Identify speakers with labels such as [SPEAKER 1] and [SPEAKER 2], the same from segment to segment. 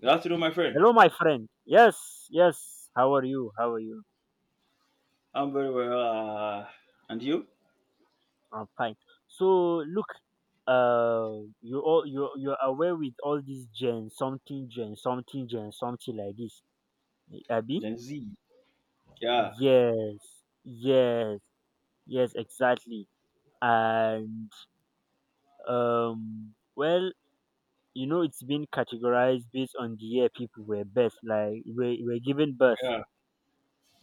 [SPEAKER 1] Good afternoon, my friend.
[SPEAKER 2] Hello, my friend. Yes, yes. How are you? How are you?
[SPEAKER 1] I'm very well. And you?
[SPEAKER 2] I'm fine. So look, you're aware with all these gen something gen something gen something like this, Abby?
[SPEAKER 1] Gen Z. Yeah,
[SPEAKER 2] Yes, yes, yes, exactly. And well, it's been categorized based on the year people were birth, like were given birth.
[SPEAKER 1] yeah.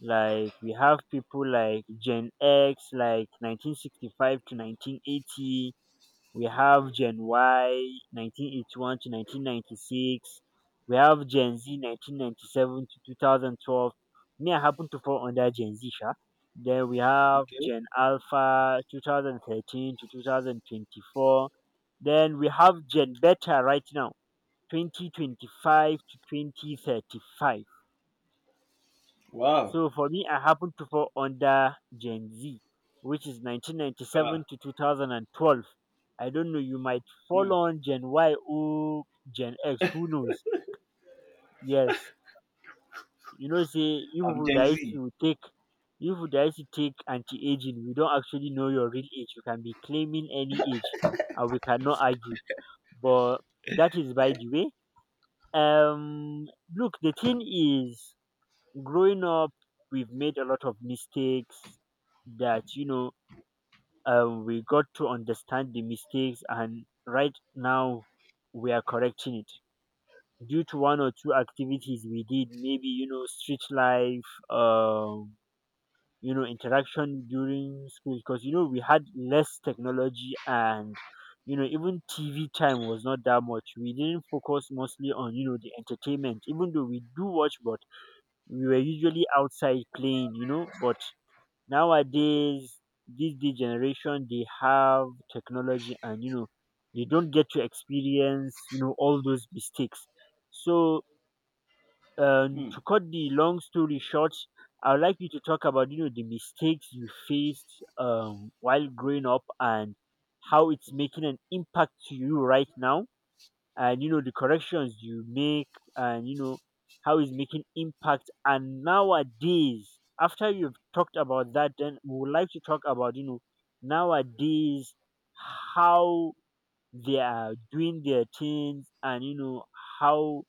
[SPEAKER 2] Like we have people like Gen X like 1965 to 1980. We have Gen Y 1981 to 1996. We have Gen Z 1997 to 2012. Me, I happen to fall under Gen Z sha. Then we have
[SPEAKER 1] Okay.
[SPEAKER 2] Gen Alpha 2013 to 2024. Then we have Gen Beta right now, 2025 to 2035.
[SPEAKER 1] Wow.
[SPEAKER 2] So for me, I happen to fall under Gen Z, which is
[SPEAKER 1] Yeah.
[SPEAKER 2] 1997 to 2012. I don't know, you might
[SPEAKER 1] Hmm.
[SPEAKER 2] fall on Gen Y or Gen X, who knows? Yes. You know, say, you
[SPEAKER 1] I'm
[SPEAKER 2] people
[SPEAKER 1] Gen
[SPEAKER 2] that used
[SPEAKER 1] Z.
[SPEAKER 2] to take, you people that used to take anti-aging, we don't actually know your real age. You can be claiming any age, and we cannot argue. But that is by the way. Um, Look, the thing is, growing up we've made a lot of mistakes that we got to understand the mistakes, and right now we are correcting it due to one or two activities we did, maybe street life, interaction during school, because we had less technology, and even TV time was not that much. We didn't focus mostly on the entertainment, even though we do watch. But we were usually outside playing. But nowadays, this the generation, they have technology, and they don't get to experience, all those mistakes. So,
[SPEAKER 1] Hmm.
[SPEAKER 2] to cut the long story short, I would like you to talk about, the mistakes you faced while growing up, and how it's making an impact to you right now, and the corrections you make, and how it's making impact, and nowadays after you've talked about that, then we would like to talk about nowadays, how they are doing their things, and how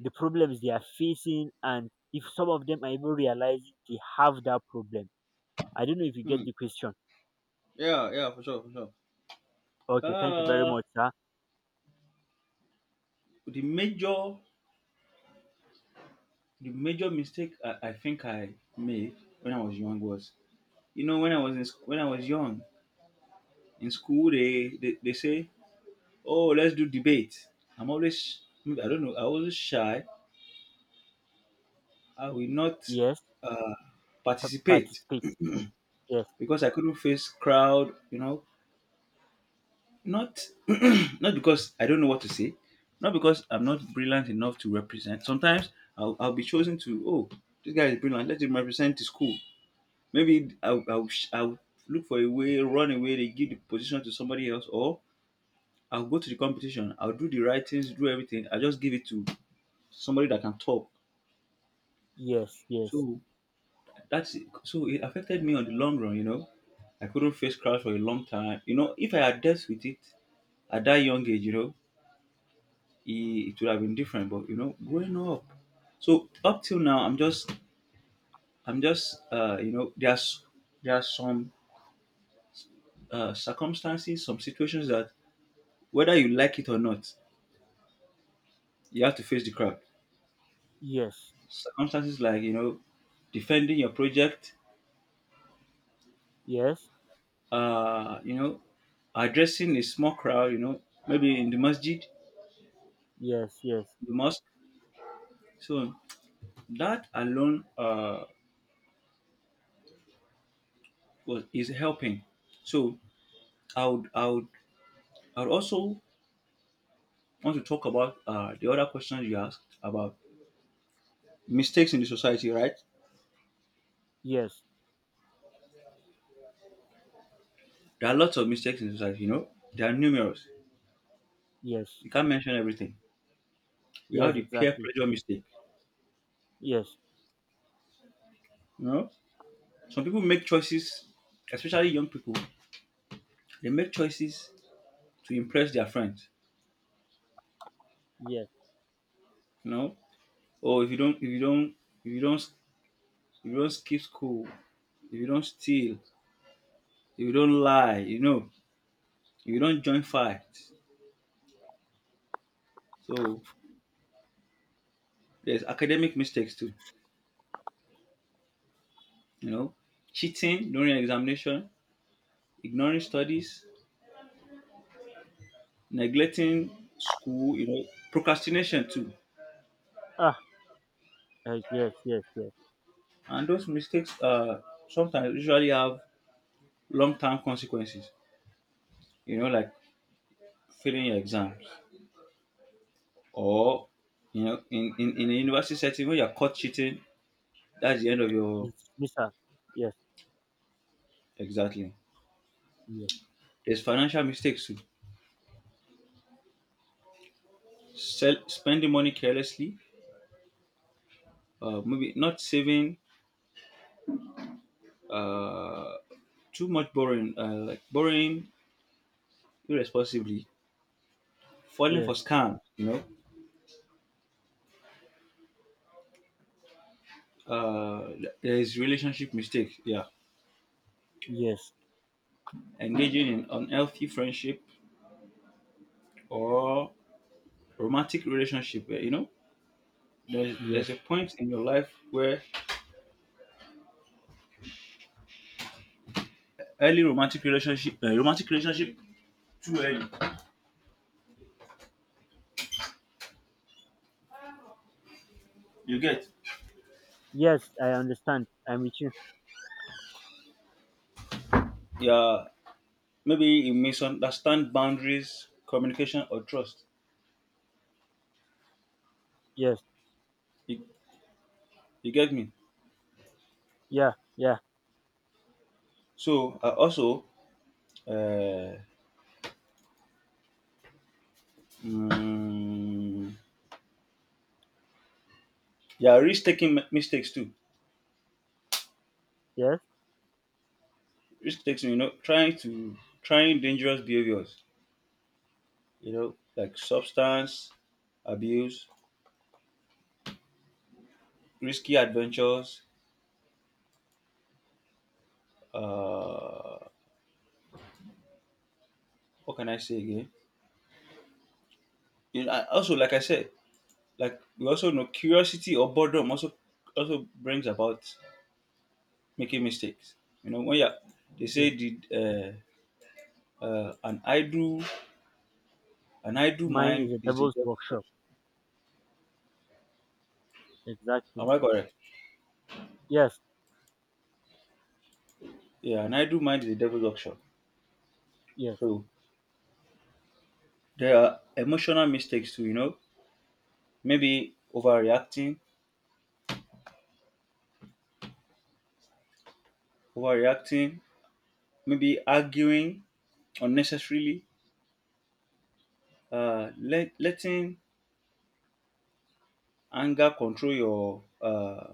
[SPEAKER 2] the problems they are facing, and if some of them are even realizing they have that problem. I don't know if you
[SPEAKER 1] Hmm.
[SPEAKER 2] get the question.
[SPEAKER 1] Yeah, yeah, for sure, for sure.
[SPEAKER 2] Okay, thank you very
[SPEAKER 1] Uh,
[SPEAKER 2] much, sir.
[SPEAKER 1] the major, the major mistake I think I made when I was young was, you know, when I was in when I was young in school, they say, oh, let's do debate. I'm always, I don't know, I was shy. I will not
[SPEAKER 2] Yes.
[SPEAKER 1] uh, participate
[SPEAKER 2] Participate. Yes
[SPEAKER 1] because I couldn't face crowd, you know, not not because I don't know what to say, not because I'm not brilliant enough to represent. Sometimes I'll be chosen to, oh, this guy is brilliant, let him represent the school. Maybe I'll look for a way, run away, they give the position to somebody else, or I'll go to the competition, I'll do the writings, do everything, I'll just give it to somebody that can talk.
[SPEAKER 2] yes yes.
[SPEAKER 1] So that's it. So it affected me on the long run, you know. I couldn't face crowd for a long time. You know, if I had dealt with it at that young age, you know, he, it would have been different. But you know, growing up, so up till now, you know, there's some circumstances, some situations that whether you like it or not, you have to face the crowd.
[SPEAKER 2] Yes.
[SPEAKER 1] Circumstances like you know, defending your project,
[SPEAKER 2] Yes,
[SPEAKER 1] you know, addressing a small crowd, you know, maybe in the masjid,
[SPEAKER 2] yes. Yes,
[SPEAKER 1] the mosque. So that alone was is helping. So I would I would I would also want to talk about the other question you asked about mistakes in the society, right?
[SPEAKER 2] yes,
[SPEAKER 1] There are lots of mistakes in society, you know. There are numerous.
[SPEAKER 2] yes,
[SPEAKER 1] You can't mention everything. We have
[SPEAKER 2] yes,
[SPEAKER 1] the peer
[SPEAKER 2] exactly.
[SPEAKER 1] pressure mistake.
[SPEAKER 2] Yes,
[SPEAKER 1] You know, some people make choices, especially young people. They make choices to impress their friends.
[SPEAKER 2] yes.
[SPEAKER 1] You know, or if you don't, if you don't, if you don't, if you don't skip school, if you don't steal, if you don't lie, you know, if you don't join fights. So there's academic mistakes too. You know, cheating during examination, ignoring studies, neglecting school, you know, procrastination too.
[SPEAKER 2] Ah, yes, yes, yes.
[SPEAKER 1] And those mistakes sometimes usually have long term consequences, you know, like failing your exams or, you know, in a university setting when you're caught cheating, that's the end of your
[SPEAKER 2] It's Mr. Yes,
[SPEAKER 1] exactly.
[SPEAKER 2] yes,
[SPEAKER 1] There's financial mistakes too. Sell, spending money carelessly, maybe not saving, uh, too much borrowing, like borrowing irresponsibly, falling for
[SPEAKER 2] yes,
[SPEAKER 1] scams, you know, uh, there is relationship mistake. Yeah,
[SPEAKER 2] yes,
[SPEAKER 1] engaging in unhealthy friendship or romantic relationship. You know, there's
[SPEAKER 2] yes,
[SPEAKER 1] a point in your life where early romantic relationship too early. You get.
[SPEAKER 2] yes. I understand. I'm with you.
[SPEAKER 1] Yeah, maybe you misunderstand boundaries, communication, or trust.
[SPEAKER 2] Yes,
[SPEAKER 1] You, you get me.
[SPEAKER 2] yeah, yeah,
[SPEAKER 1] So also, uh, mm, yeah, risk taking mistakes too.
[SPEAKER 2] yes,
[SPEAKER 1] Risk taking, you know, trying dangerous behaviors, you know, like substance abuse, risky adventures. Uh, what can I say again? You know, also, like I said, like we also know curiosity or boredom also brings about making mistakes. You know, when you are- they say
[SPEAKER 2] yes.
[SPEAKER 1] the uh, an idle an idle
[SPEAKER 2] Mine is
[SPEAKER 1] mind
[SPEAKER 2] a
[SPEAKER 1] is the
[SPEAKER 2] devil's
[SPEAKER 1] devil's
[SPEAKER 2] workshop.
[SPEAKER 1] workshop. Am
[SPEAKER 2] Exactly.
[SPEAKER 1] I correct?
[SPEAKER 2] Yes,
[SPEAKER 1] Yeah, an idle mind is the devil's workshop.
[SPEAKER 2] yes.
[SPEAKER 1] So there are emotional mistakes too. You know, maybe overreacting, maybe arguing unnecessarily, letting anger control your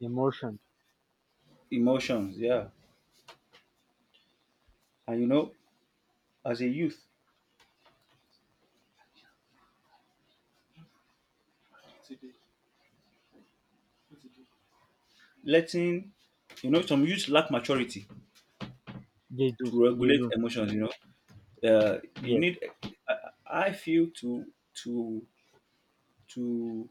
[SPEAKER 2] Emotion.
[SPEAKER 1] emotions. Yeah. And you know, as a youth, letting, you know, some youth lack maturity
[SPEAKER 2] They do.
[SPEAKER 1] to
[SPEAKER 2] They
[SPEAKER 1] regulate
[SPEAKER 2] do.
[SPEAKER 1] emotions, you know. You
[SPEAKER 2] Yes,
[SPEAKER 1] need, I, I feel to, to,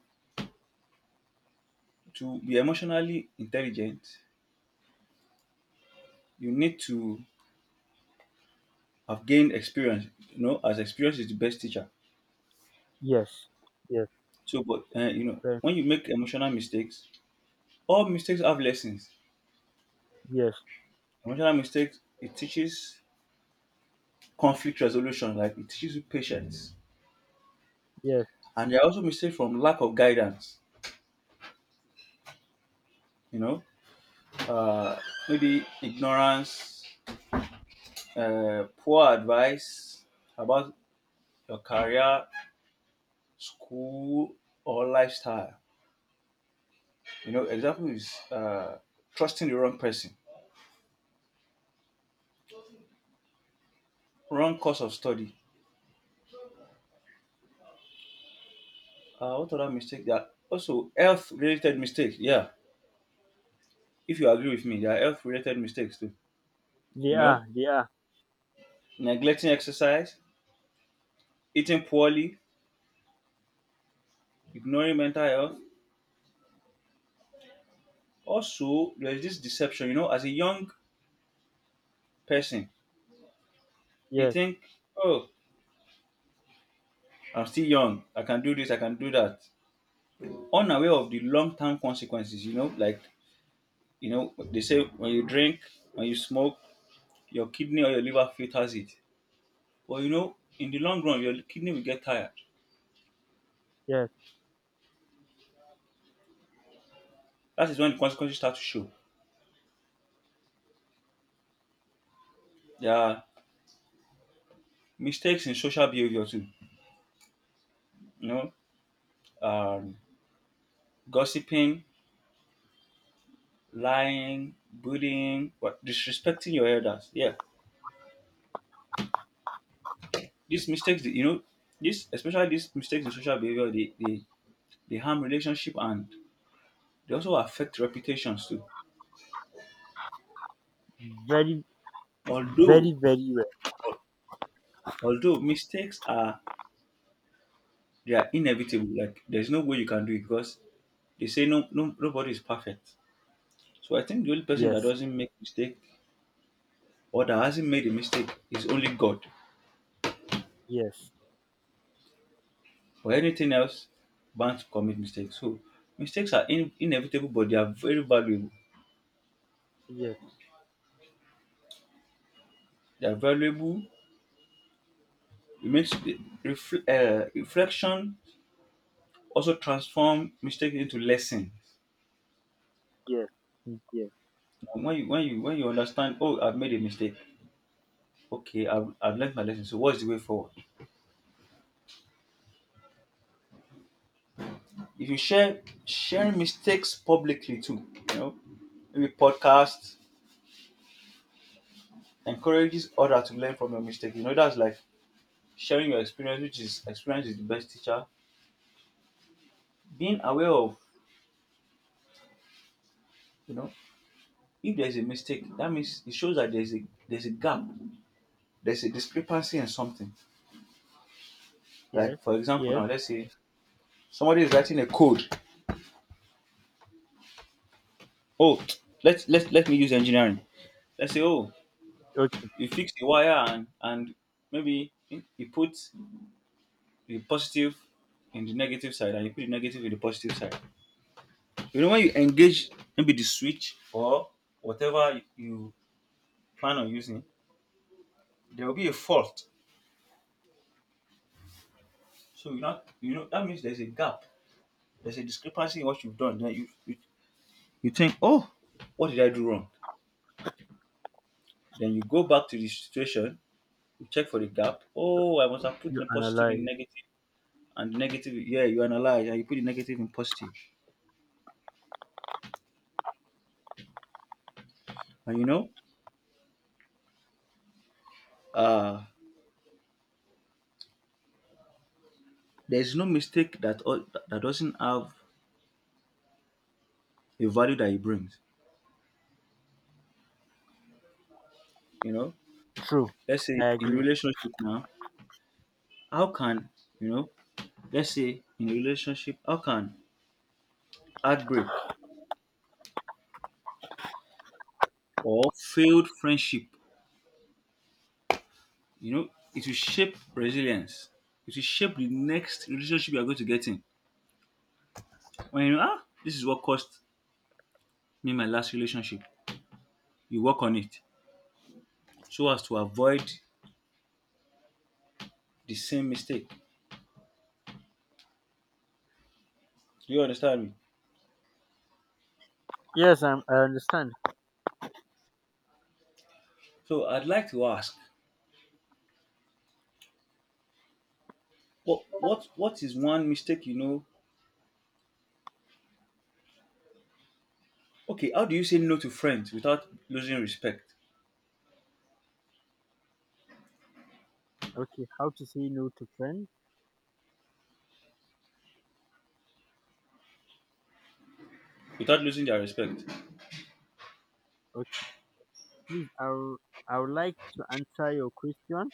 [SPEAKER 1] to be emotionally intelligent, you need to have gained experience, you know, as experience is the best teacher.
[SPEAKER 2] yes, yes,
[SPEAKER 1] So, but, you know,
[SPEAKER 2] eh,
[SPEAKER 1] when you make emotional mistakes, all mistakes have lessons.
[SPEAKER 2] yes,
[SPEAKER 1] Emotional mistakes, it teaches conflict resolution, like it teaches you patience.
[SPEAKER 2] yes.
[SPEAKER 1] And there are also mistakes from lack of guidance, you know, uh, maybe ignorance, poor advice about your career, school, or lifestyle. You know, example is trusting the wrong person, wrong course of study. What other mistake? There are also health related mistakes. Yeah, if you agree with me, there are health related mistakes too,
[SPEAKER 2] They
[SPEAKER 1] you know,
[SPEAKER 2] are. They are.
[SPEAKER 1] neglecting exercise, eating poorly, ignoring mental health. Also, there's this deception, you know, as a young person, you
[SPEAKER 2] Yes,
[SPEAKER 1] think, oh, I'm still young, I can do this, I can do that. Unaware of the long term consequences, you know, like, you know, they say when you drink, when you smoke, your kidney or your liver filters it. But you know, in the long run, your kidney will get tired.
[SPEAKER 2] yes.
[SPEAKER 1] That is when the consequences start to show. There are mistakes in social behavior too, you know, um, gossiping, lying, bullying, what disrespecting your elders. Yeah, these mistakes, you know, this especially these mistakes in social behavior, they harm relationship and they also affect reputations too.
[SPEAKER 2] Very,
[SPEAKER 1] Although
[SPEAKER 2] very, very well.
[SPEAKER 1] although mistakes are they are inevitable, like there's no way you can do it because they say no no nobody is perfect. So I think the only person that
[SPEAKER 2] Yes,
[SPEAKER 1] doesn't make mistake or that hasn't made a mistake is only God.
[SPEAKER 2] yes.
[SPEAKER 1] For anything else, bound to commit mistakes. So mistakes are inevitable, but they are very valuable.
[SPEAKER 2] Yes,
[SPEAKER 1] They are valuable. It makes the reflection also transform mistake into lesson.
[SPEAKER 2] yes, mm, yes,
[SPEAKER 1] When you understand, oh, I've made a mistake. Okay, I've learned my lesson. So what's the way forward? If you share sharing mistakes publicly too, you know, maybe podcast encourages others to learn from your mistake. You know, that's like sharing your experience, which is experience is the best teacher. Being aware of, you know, if there's a mistake, that means it shows that there's a gap, there's a discrepancy in something.
[SPEAKER 2] yes,
[SPEAKER 1] Like for example,
[SPEAKER 2] yes.
[SPEAKER 1] now let's say somebody is writing a code. Oh, let me use engineering. Let's say oh,
[SPEAKER 2] Okay,
[SPEAKER 1] you fix the wire and maybe you put the positive in the negative side and you put the negative in the positive side. You know when you engage maybe the switch or whatever you plan on using, there will be a fault. So you know that means there's a gap. There's a discrepancy in what you've done. Then you think oh, what did I do wrong? Then you go back to the situation. You check for the gap. Oh, I must have put
[SPEAKER 2] you
[SPEAKER 1] the positive in
[SPEAKER 2] analyze.
[SPEAKER 1] negative and the negative. Yeah, you analyze and you put the negative in positive. And you know, uh, there's no mistake that doesn't have a value that it brings. You know,
[SPEAKER 2] True,
[SPEAKER 1] let's say
[SPEAKER 2] I
[SPEAKER 1] in
[SPEAKER 2] agree.
[SPEAKER 1] relationship now, how can you know? Let's say in relationship, how can heartbreak or failed friendship, you know, it will shape resilience. It will shape the next relationship you are going to get in. When you know, ah, this is what cost me my last relationship. You work on it so as to avoid the same mistake. Do you understand me?
[SPEAKER 2] Yes, I understand.
[SPEAKER 1] So I'd like to ask, what is one mistake you know? Okay, how do you say no to friends without losing respect?
[SPEAKER 2] Okay, how to say no to friends?
[SPEAKER 1] Without losing their respect?
[SPEAKER 2] Okay, please, I would like to answer your question,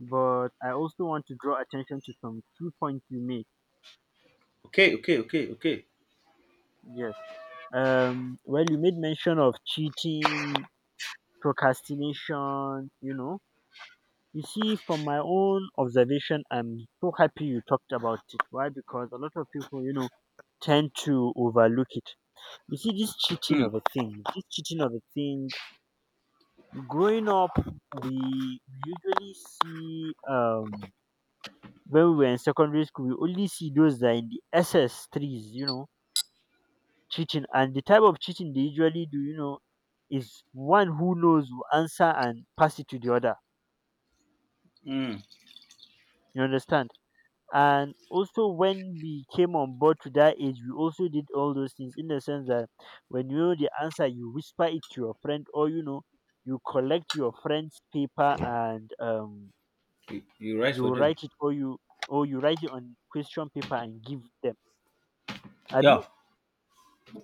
[SPEAKER 2] but I also want to draw attention to some few points you made.
[SPEAKER 1] Okay, okay, okay, okay.
[SPEAKER 2] Yes. Well, you made mention of cheating, procrastination. You see, from my own observation, I'm so happy you talked about it. Why? Because a lot of people, tend to overlook it. You see, this cheating
[SPEAKER 1] Mm,
[SPEAKER 2] of a thing, this cheating of a thing, growing up, we usually see, when we were in secondary school, we only see those that are in the SS3s, cheating. And the type of cheating they usually do, is one who knows will answer and pass it to the other.
[SPEAKER 1] mm.
[SPEAKER 2] You understand? And also when we came on board to that age, we also did all those things in the sense that when you know the answer, you whisper it to your friend, or you collect your friend's paper, and
[SPEAKER 1] You, you're right
[SPEAKER 2] you
[SPEAKER 1] for them.
[SPEAKER 2] write it, or you write it on question paper and give them, abi?
[SPEAKER 1] Yeah,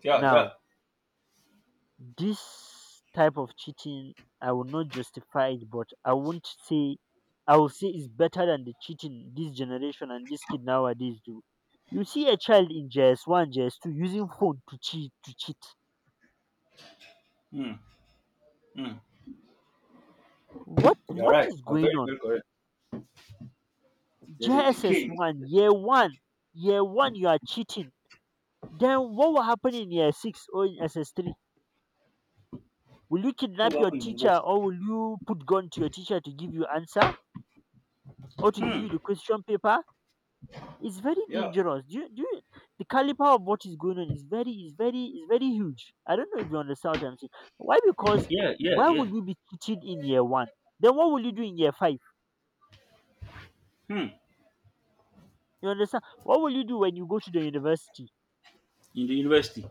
[SPEAKER 1] yeah, yeah.
[SPEAKER 2] Now, this type of cheating, I will not justify it, but I won't say, I will say it's better than the cheating this generation and this kid nowadays do. You see a child in JS one, JS two using phone to cheat.
[SPEAKER 1] Mm, mm.
[SPEAKER 2] What
[SPEAKER 1] You're
[SPEAKER 2] what
[SPEAKER 1] right.
[SPEAKER 2] is
[SPEAKER 1] You're
[SPEAKER 2] going
[SPEAKER 1] very,
[SPEAKER 2] on?
[SPEAKER 1] very correct. There's a decay
[SPEAKER 2] JSS
[SPEAKER 1] in the
[SPEAKER 2] one,
[SPEAKER 1] system.
[SPEAKER 2] year one you are cheating. Then what will happen in year six or in SS three? Will you
[SPEAKER 1] What
[SPEAKER 2] kidnap
[SPEAKER 1] will
[SPEAKER 2] your
[SPEAKER 1] happen in
[SPEAKER 2] teacher,
[SPEAKER 1] university?
[SPEAKER 2] or will you put gun to your teacher to give you answer or to give
[SPEAKER 1] Hmm.
[SPEAKER 2] you the question paper? It's very
[SPEAKER 1] Yeah.
[SPEAKER 2] dangerous. The caliber of what is going on is very huge. I don't know if you understand what I'm saying. Why? Because
[SPEAKER 1] Yeah, yeah,
[SPEAKER 2] why
[SPEAKER 1] yeah.
[SPEAKER 2] would you be teaching in year one? Then what will you do in year five?
[SPEAKER 1] Hmm.
[SPEAKER 2] You understand? What will you do when you go to the university?
[SPEAKER 1] In the university.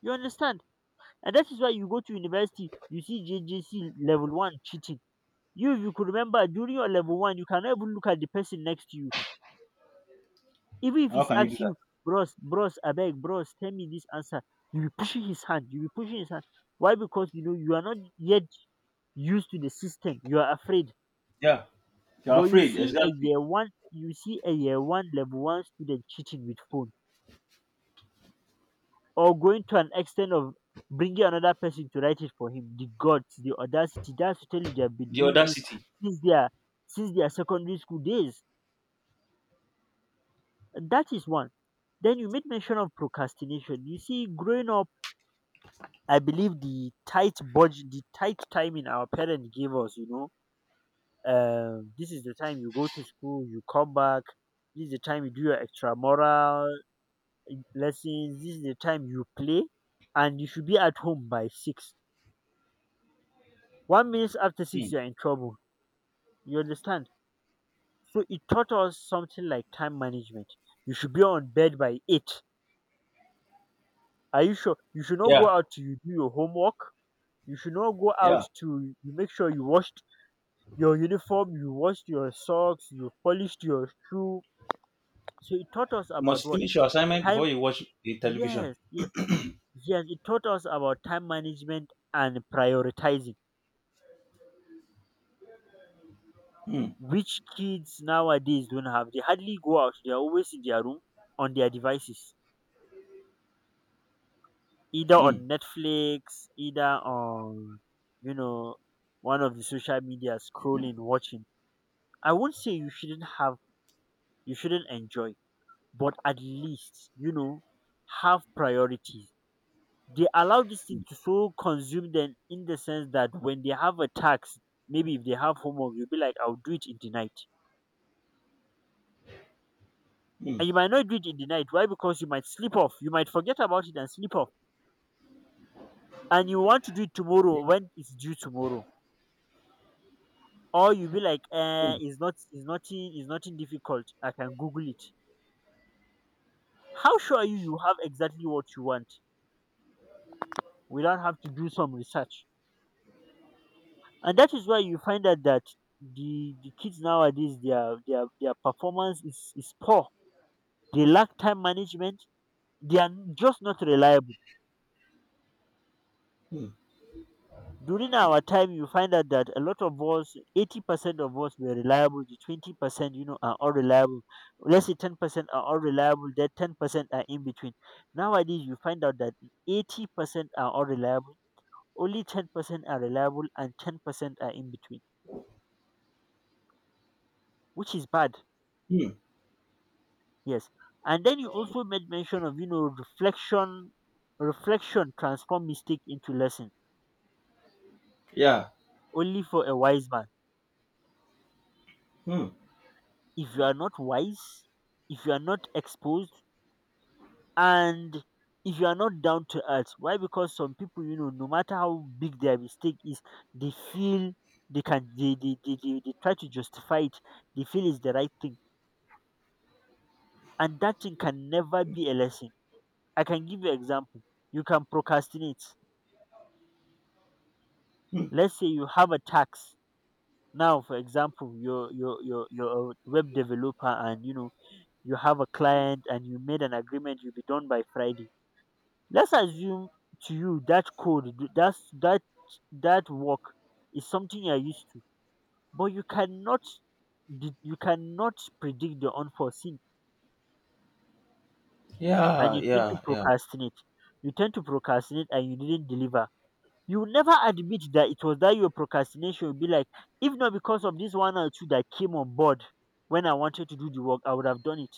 [SPEAKER 2] You understand? And that is why you go to university, you see JJC level one cheating. You, if you could remember during your level one, you cannot even look at the person next to you, even if
[SPEAKER 1] How
[SPEAKER 2] he
[SPEAKER 1] can you do
[SPEAKER 2] asks
[SPEAKER 1] that?
[SPEAKER 2] you, bros, bros, abeg, bros, tell me this answer. You be pushing his hand, you be pushing his hand. Why? Because you are not yet used to the system, you are afraid.
[SPEAKER 1] Yeah, you're
[SPEAKER 2] But you
[SPEAKER 1] afraid.
[SPEAKER 2] see a
[SPEAKER 1] Exactly.
[SPEAKER 2] year one you see a year one level one student cheating with phone, or going to an extent of bringing another person to write it for him. The gods, the audacity. That's to tell you they have been
[SPEAKER 1] The
[SPEAKER 2] doing this
[SPEAKER 1] audacity.
[SPEAKER 2] since their since their secondary school days. That is one. Then you made mention of procrastination. You see, growing up, I believe the tight budget, the tight timing our parents gave us, this is the time you go to school, you come back, this is the time you do your extramural lessons, this is the time you play, and you should be at home by six. 1 minute after six,
[SPEAKER 1] Mm.
[SPEAKER 2] you're in trouble. You understand? So it taught us something like time management. You should be on bed by eight. Are you sure? You should not go
[SPEAKER 1] Yeah,
[SPEAKER 2] out to you do your homework. You should not go out
[SPEAKER 1] yeah.
[SPEAKER 2] to you make sure you washed your uniform, you washed your socks, you polished your shoe. So it taught us
[SPEAKER 1] You
[SPEAKER 2] about
[SPEAKER 1] must
[SPEAKER 2] what?
[SPEAKER 1] finish your assignment before
[SPEAKER 2] Time.
[SPEAKER 1] you watch the television.
[SPEAKER 2] Yes, yes, yes. It taught us about time management and prioritizing,
[SPEAKER 1] Mm.
[SPEAKER 2] which kids nowadays don't have. They hardly go out. They are always in their room on their devices, either
[SPEAKER 1] Mm.
[SPEAKER 2] on Netflix, either on, you know, one of the social media scrolling, watching. I won't say you shouldn't have, you shouldn't enjoy, but at least, have priorities. They allow this thing to so consume them in the sense that when they have a tax, maybe if they have homework, you'll be like, I'll do it in the night.
[SPEAKER 1] Mm.
[SPEAKER 2] And you might not do it in the night. Why? Because you might sleep off. You might forget about it and sleep off. And you want to do it tomorrow when it's due tomorrow. Or you'll be like,
[SPEAKER 1] Mm.
[SPEAKER 2] it's not, it's nothing difficult. I can Google it. How sure are you have exactly what you want without have to do some research? And that is why you find out that the kids nowadays their performance is poor. They lack time management. They are just not reliable.
[SPEAKER 1] Mm.
[SPEAKER 2] During our time you find out that a lot of us, 80% of us were reliable. The 20%, are unreliable. Let's say 10% are unreliable, that 10% are in between. Nowadays you find out that 80% are unreliable, only 10% are reliable and 10% are in between, which is bad.
[SPEAKER 1] Mm.
[SPEAKER 2] Yes. And then you also made mention of reflection. Reflection transform mistake into lesson,
[SPEAKER 1] Yeah.
[SPEAKER 2] only for a wise man.
[SPEAKER 1] Mm.
[SPEAKER 2] If you are not wise, if you are not exposed, and if you are not down to earth. Why? Because some people, no matter how big their mistake is, they feel they can, they try to justify it. They feel it's the right thing. And that thing can never be a lesson. I can give you example. You can procrastinate. Let's say you have a tax. Now, for example, you're a web developer and, you have a client and you made an agreement you'll be done by Friday. Let's assume to you that code, that work is something you're used to, but you cannot predict the unforeseen, and
[SPEAKER 1] Yeah.
[SPEAKER 2] you tend to
[SPEAKER 1] Yeah. Yeah.
[SPEAKER 2] procrastinate. You tend to procrastinate, and you didn't deliver. You will never admit that it was that your procrastination. You'll be like, if not because of this one or two that came on board when I wanted to do the work, I would have done it.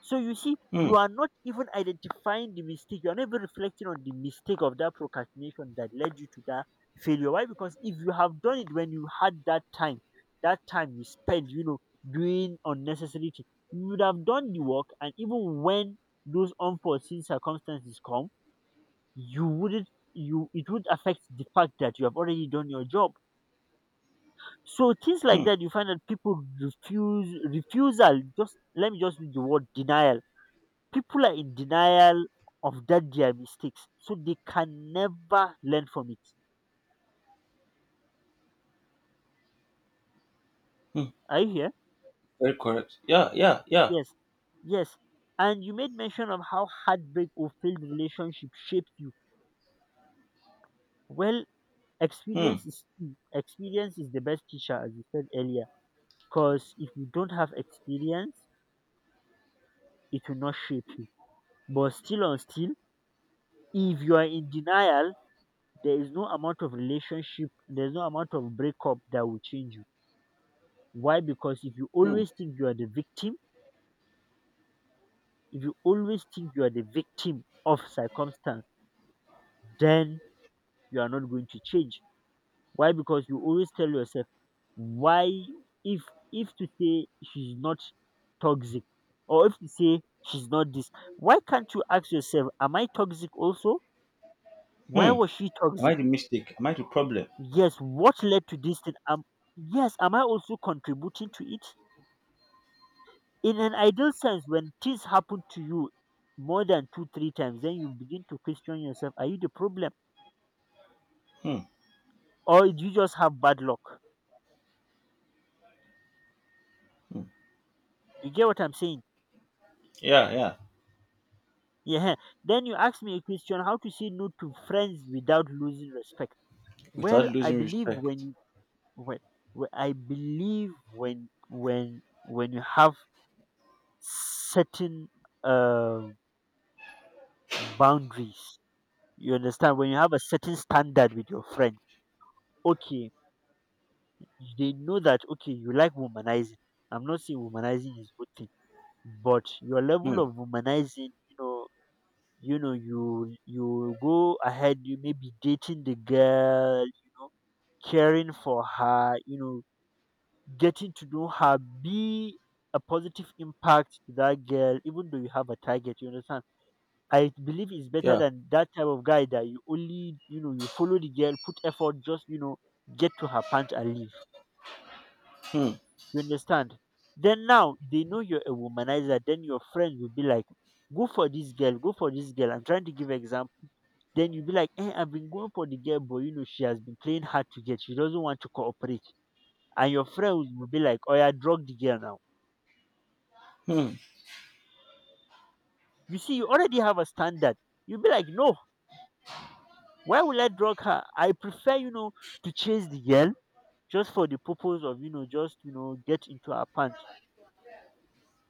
[SPEAKER 2] So you see, you
[SPEAKER 1] Mm.
[SPEAKER 2] are not even identifying the mistake. You are not even reflecting on the mistake of that procrastination that led you to that failure. Why? Because if you have done it when you had that time you spent, doing unnecessary things, you would have done the work. And even when those unforeseen circumstances come, you wouldn't. You it would affect the fact that you have already done your job. So things like
[SPEAKER 1] Mm.
[SPEAKER 2] that, you find that people refuse refusal. Just let me just use the word denial. People are in denial of that their mistakes, so they can never learn from it.
[SPEAKER 1] Mm.
[SPEAKER 2] Are you here?
[SPEAKER 1] Very correct. Yeah. Yeah. Yeah.
[SPEAKER 2] Yes, yes. And you made mention of how heartbreak or failed relationship shaped you. Well,
[SPEAKER 1] Mm.
[SPEAKER 2] experience is key. Experience is the best teacher, as you said earlier, because if you don't have experience, it will not shape you. But still on still, if you are in denial, there is no amount of relationship, there's no amount of breakup that will change you. Why? Because if you
[SPEAKER 1] Mm.
[SPEAKER 2] always think you are the victim, if you always think you are the victim of circumstance, then you are not going to change. Why? Because you always tell yourself, why if if to say she's not toxic, or if to say she's not this, why can't you ask yourself, am I toxic also? Why
[SPEAKER 1] Mm.
[SPEAKER 2] was she
[SPEAKER 1] Am I
[SPEAKER 2] toxic?
[SPEAKER 1] the mistake? Am I the problem?
[SPEAKER 2] Yes, what led to this thing? Yes, am I also contributing to it? In an ideal sense, when things happen to you more than two, three times, then you begin to question yourself, are you the problem?
[SPEAKER 1] Mm.
[SPEAKER 2] Or do you just have bad luck?
[SPEAKER 1] Mm.
[SPEAKER 2] You get what I'm saying?
[SPEAKER 1] Yeah. Yeah.
[SPEAKER 2] Yeah. Then you ask me a question: how to say no to friends without losing respect?
[SPEAKER 1] Without
[SPEAKER 2] Well, I
[SPEAKER 1] losing
[SPEAKER 2] believe when
[SPEAKER 1] respect.
[SPEAKER 2] you when, when I believe when when you have certain uh, boundaries, you understand. When you have a certain standard with your friends, okay, they know that okay you like womanizing. I'm not saying womanizing is good thing, but your level
[SPEAKER 1] Hmm.
[SPEAKER 2] of womanizing, you know you go ahead, you may be dating the girl, you know, caring for her, you know, getting to know her, be a positive impact to that girl even though you have a target, you understand. I believe it's better
[SPEAKER 1] Yeah.
[SPEAKER 2] than that type of guy that you only, you know, you follow the girl, put effort just, you know, get to her pant and leave.
[SPEAKER 1] Hmm.
[SPEAKER 2] You understand? Then now they know you're a womanizer, then your friends will be like, go for this girl, go for this girl. I'm trying to give example. Then you'll be like, eh, I've been going for the girl, but you know, she has been playing hard to get. She doesn't want to cooperate. And your friends will be like, oh, yeah, drug the girl now.
[SPEAKER 1] Hmm.
[SPEAKER 2] You see, you already have a standard. You'll be like, no, why will I drug her? I prefer, you know, to chase the girl just for the purpose of, you know, just, you know, get into her pants.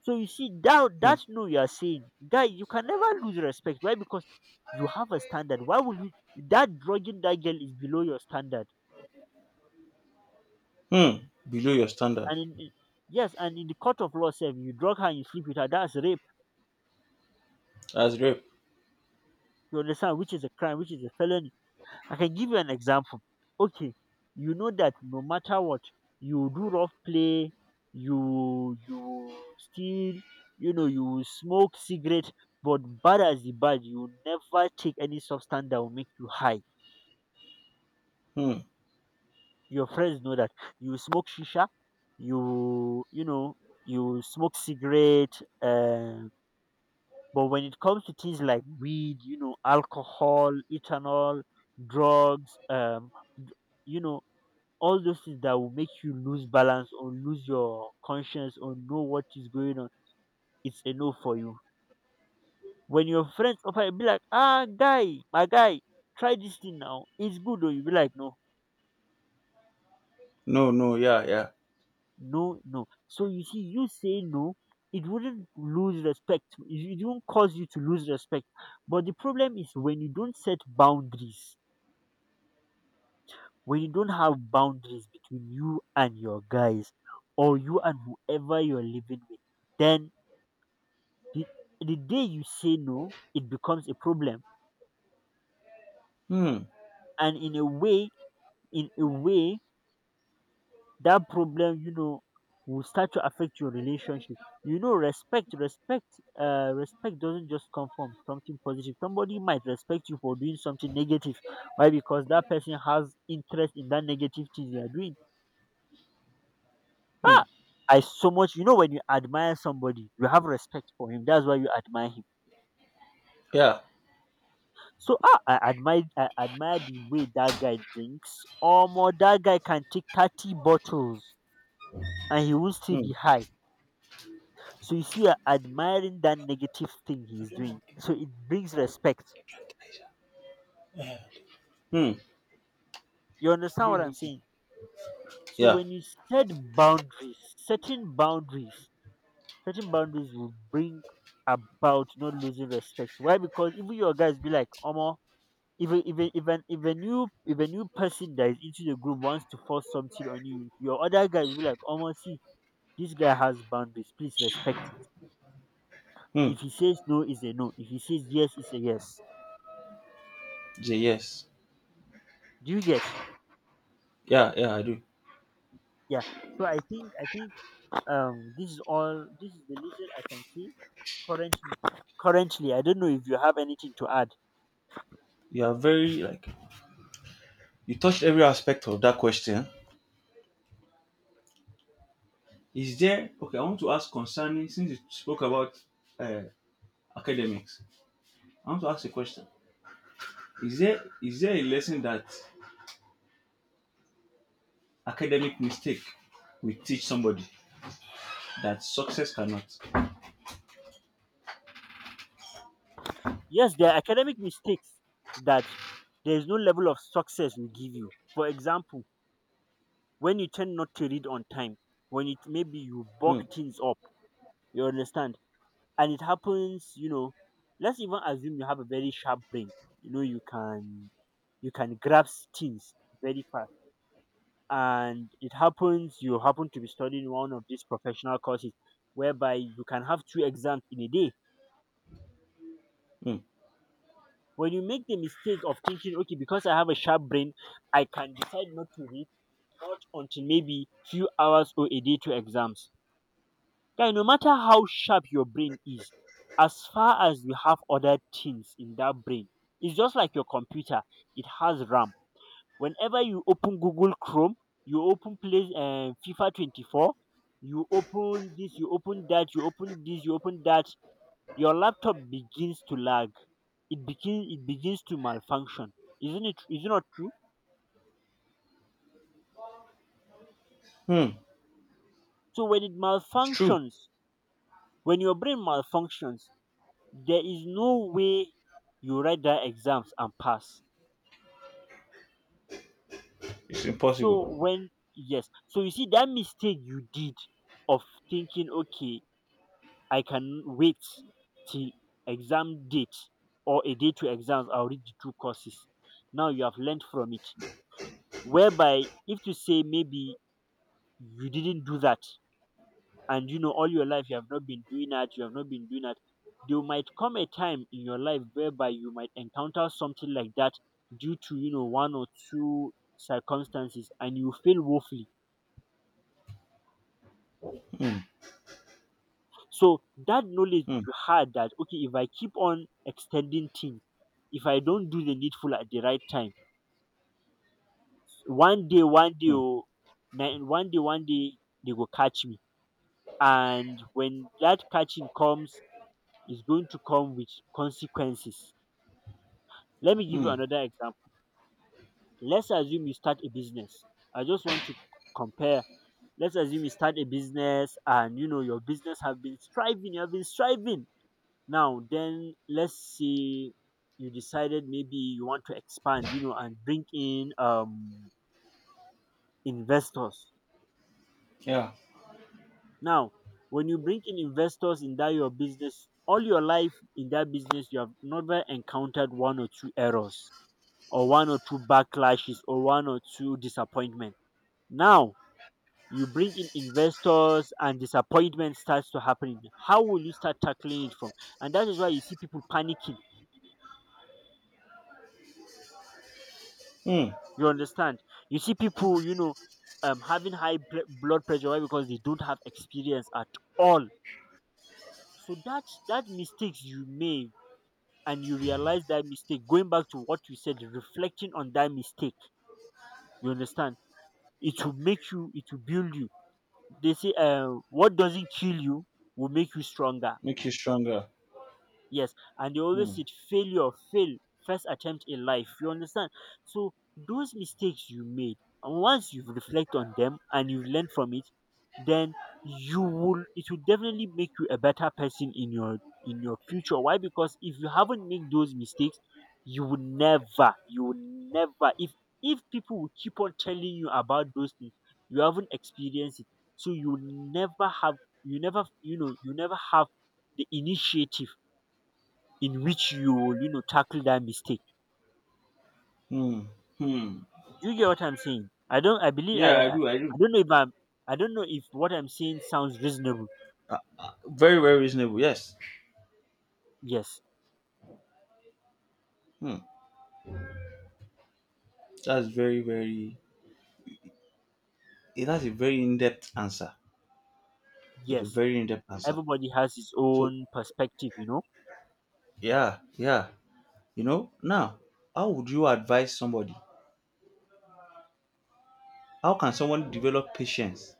[SPEAKER 2] So you see, that,
[SPEAKER 1] Hmm.
[SPEAKER 2] that no, you are saying, guy, you can never lose respect. Why? Because you have a standard. Why will you, that drugging that girl is below your standard.
[SPEAKER 1] Hmm. Below your standard.
[SPEAKER 2] And in- yes, and in the court of law, sef, you drug her and you sleep with her. That's rape.
[SPEAKER 1] That's rape.
[SPEAKER 2] You understand? Which is a crime, which is a felony. I can give you an example. Okay, you know that no matter what, you do rough play, you steal, you know, you smoke cigarette, but bad as the bad, you never take any substance that will make you high.
[SPEAKER 1] Hmm.
[SPEAKER 2] Your friends know that you smoke shisha, you know, you smoke cigarette. Um, But when it comes to things like weed, you know, alcohol, ethanol, drugs, d- you know, all those things that will make you lose balance or lose your conscience or know what is going on, it's a no for you. When your friends offer, you be like, ah, guy, my guy, try this thing now. It's good, or you be like, no,
[SPEAKER 1] No, no, yeah, yeah.
[SPEAKER 2] no, no. So you see, you say no, it wouldn't lose respect. It won't cause you to lose respect. But the problem is when you don't set boundaries, when you don't have boundaries between you and your guys or you and whoever you're living with, then the, the day you say no, it becomes a problem.
[SPEAKER 1] Hmm.
[SPEAKER 2] And in a way, that problem, you know, will start to affect your relationship. You know, respect, respect, respect doesn't just come from something positive. Somebody might respect you for doing something negative. Why? Because that person has interest in that negative thing they are doing.
[SPEAKER 1] Hmm.
[SPEAKER 2] Ah! I so much you know when you admire somebody, you have respect for him. That's why you admire him.
[SPEAKER 1] Yeah.
[SPEAKER 2] So ah, I admire the way that guy drinks. Omo, that guy can take 30 bottles and he will still
[SPEAKER 1] Hmm.
[SPEAKER 2] be high. So you see, you're admiring that negative thing he's doing. So it brings respect.
[SPEAKER 1] Hmm.
[SPEAKER 2] You understand what I'm saying? So
[SPEAKER 1] Yeah.
[SPEAKER 2] when you set boundaries, setting boundaries will bring about not losing respect. Why? Because even your guys be like, Omo, if a new person that is into the group wants to force something on you, your other guys will be like, "Oh, see, this guy has boundaries. Please respect it.
[SPEAKER 1] Hmm.
[SPEAKER 2] If he says no, is a no. If he says yes, is a yes."
[SPEAKER 1] Jay, yes.
[SPEAKER 2] Do you get?
[SPEAKER 1] Yeah, yeah, I do.
[SPEAKER 2] Yeah. So I think this is all. This is the little I can see currently. Currently, I don't know if you have anything to add.
[SPEAKER 1] You are very like you touched every aspect of that question. Is there okay? I want to ask concerning since you spoke about uh, academics. I want to ask a question. Is there a lesson that academic mistake will teach somebody that success cannot?
[SPEAKER 2] Yes, there are academic mistakes that there is no level of success will give you. For example, when you tend not to read on time, when it maybe you bog
[SPEAKER 1] Hmm.
[SPEAKER 2] things up, you understand, and it happens, you know, let's even assume you have a very sharp brain, you know you can, you can grasp things very fast, and it happens you happen to be studying one of these professional courses whereby you can have two exams in a day.
[SPEAKER 1] Hmm.
[SPEAKER 2] When you make the mistake of thinking okay because I have a sharp brain, I can decide not to read, not until maybe few hours or a day to exams. Guy, no matter how sharp your brain is, as far as you have other things in that brain, it's just like your computer. It has RAM. Whenever you open Google Chrome, you open Play FIFA 24, you open this, you open that, you open this, you open that. Your laptop begins to lag. It begins. It begins to malfunction. Isn't it? Is it not true?
[SPEAKER 1] Hmm.
[SPEAKER 2] So when it
[SPEAKER 1] It's true.
[SPEAKER 2] malfunctions, when your brain malfunctions, there is no way you write that exams and pass.
[SPEAKER 1] It's
[SPEAKER 2] So
[SPEAKER 1] impossible.
[SPEAKER 2] when yes, so you see that mistake you did of thinking, okay, I can wait till exam date or a day to exams, I'll read the two courses. Now you have learned from it. Whereby if to say maybe you didn't do that, and you know all your life you have not been doing that, there might come a time in your life whereby you might encounter something like that due to, you know, one or two circumstances, and you fail woefully.
[SPEAKER 1] Hmm.
[SPEAKER 2] So that knowledge
[SPEAKER 1] Hmm.
[SPEAKER 2] you had that okay if I keep on extending things, if I don't do the needful at the right time, one day
[SPEAKER 1] Hmm.
[SPEAKER 2] oh, na- one day they go catch me. And when that catching comes, it's going to come with consequences. Let me give you
[SPEAKER 1] Hmm.
[SPEAKER 2] another example. Let's assume you start a business. I just want to compare. Let's assume you start a business and you know your business have been striving, you have been striving. Now then let's say you decided maybe you want to expand, you know, and bring in investors.
[SPEAKER 1] Yeah.
[SPEAKER 2] Now, when you bring in investors in that your business, all your life in that business you have never encountered one or two errors or one or two backlashes or one or two disappointments. Now you bring in investors, and disappointment starts to happen. How will you start tackling it from? And that is why you see people panicking.
[SPEAKER 1] Hmm.
[SPEAKER 2] You understand? You see people, you know, having high blood pressure. Why? Because they don't have experience at all. So that mistakes you made, and you realize that mistake, going back to what you said, reflecting on that mistake. You understand? It will make you, it will build you. They say, what doesn't kill you will make you stronger.
[SPEAKER 1] Make you stronger.
[SPEAKER 2] Yes, and they always
[SPEAKER 1] Hmm.
[SPEAKER 2] said failure, fail, first attempt in life. You understand? So those mistakes you made, and once you reflect on them and you've learned from it, then you will it will definitely make you a better person in your future. Why? Because if you haven't made those mistakes, you will never, if people will keep on telling you about those things, you haven't experienced it. So you will never have, you never, you know, you never have the initiative in which you will, you know, tackle that mistake.
[SPEAKER 1] Hmm. Hmm.
[SPEAKER 2] Do you get what I'm saying? I don't. I believe.
[SPEAKER 1] Yeah,
[SPEAKER 2] I.
[SPEAKER 1] I
[SPEAKER 2] I
[SPEAKER 1] do. I do.
[SPEAKER 2] I don't know if I'm. I don't know if what I'm saying sounds reasonable.
[SPEAKER 1] Very, very reasonable. Yes.
[SPEAKER 2] Yes.
[SPEAKER 1] Hmm. That's very, very. That's a very in-depth answer. It's a
[SPEAKER 2] Yes.
[SPEAKER 1] very in-depth answer.
[SPEAKER 2] Everybody has his
[SPEAKER 1] So
[SPEAKER 2] own perspective. You know.
[SPEAKER 1] yeah, yeah. You know now, how would you advise somebody? How can someone develop patience?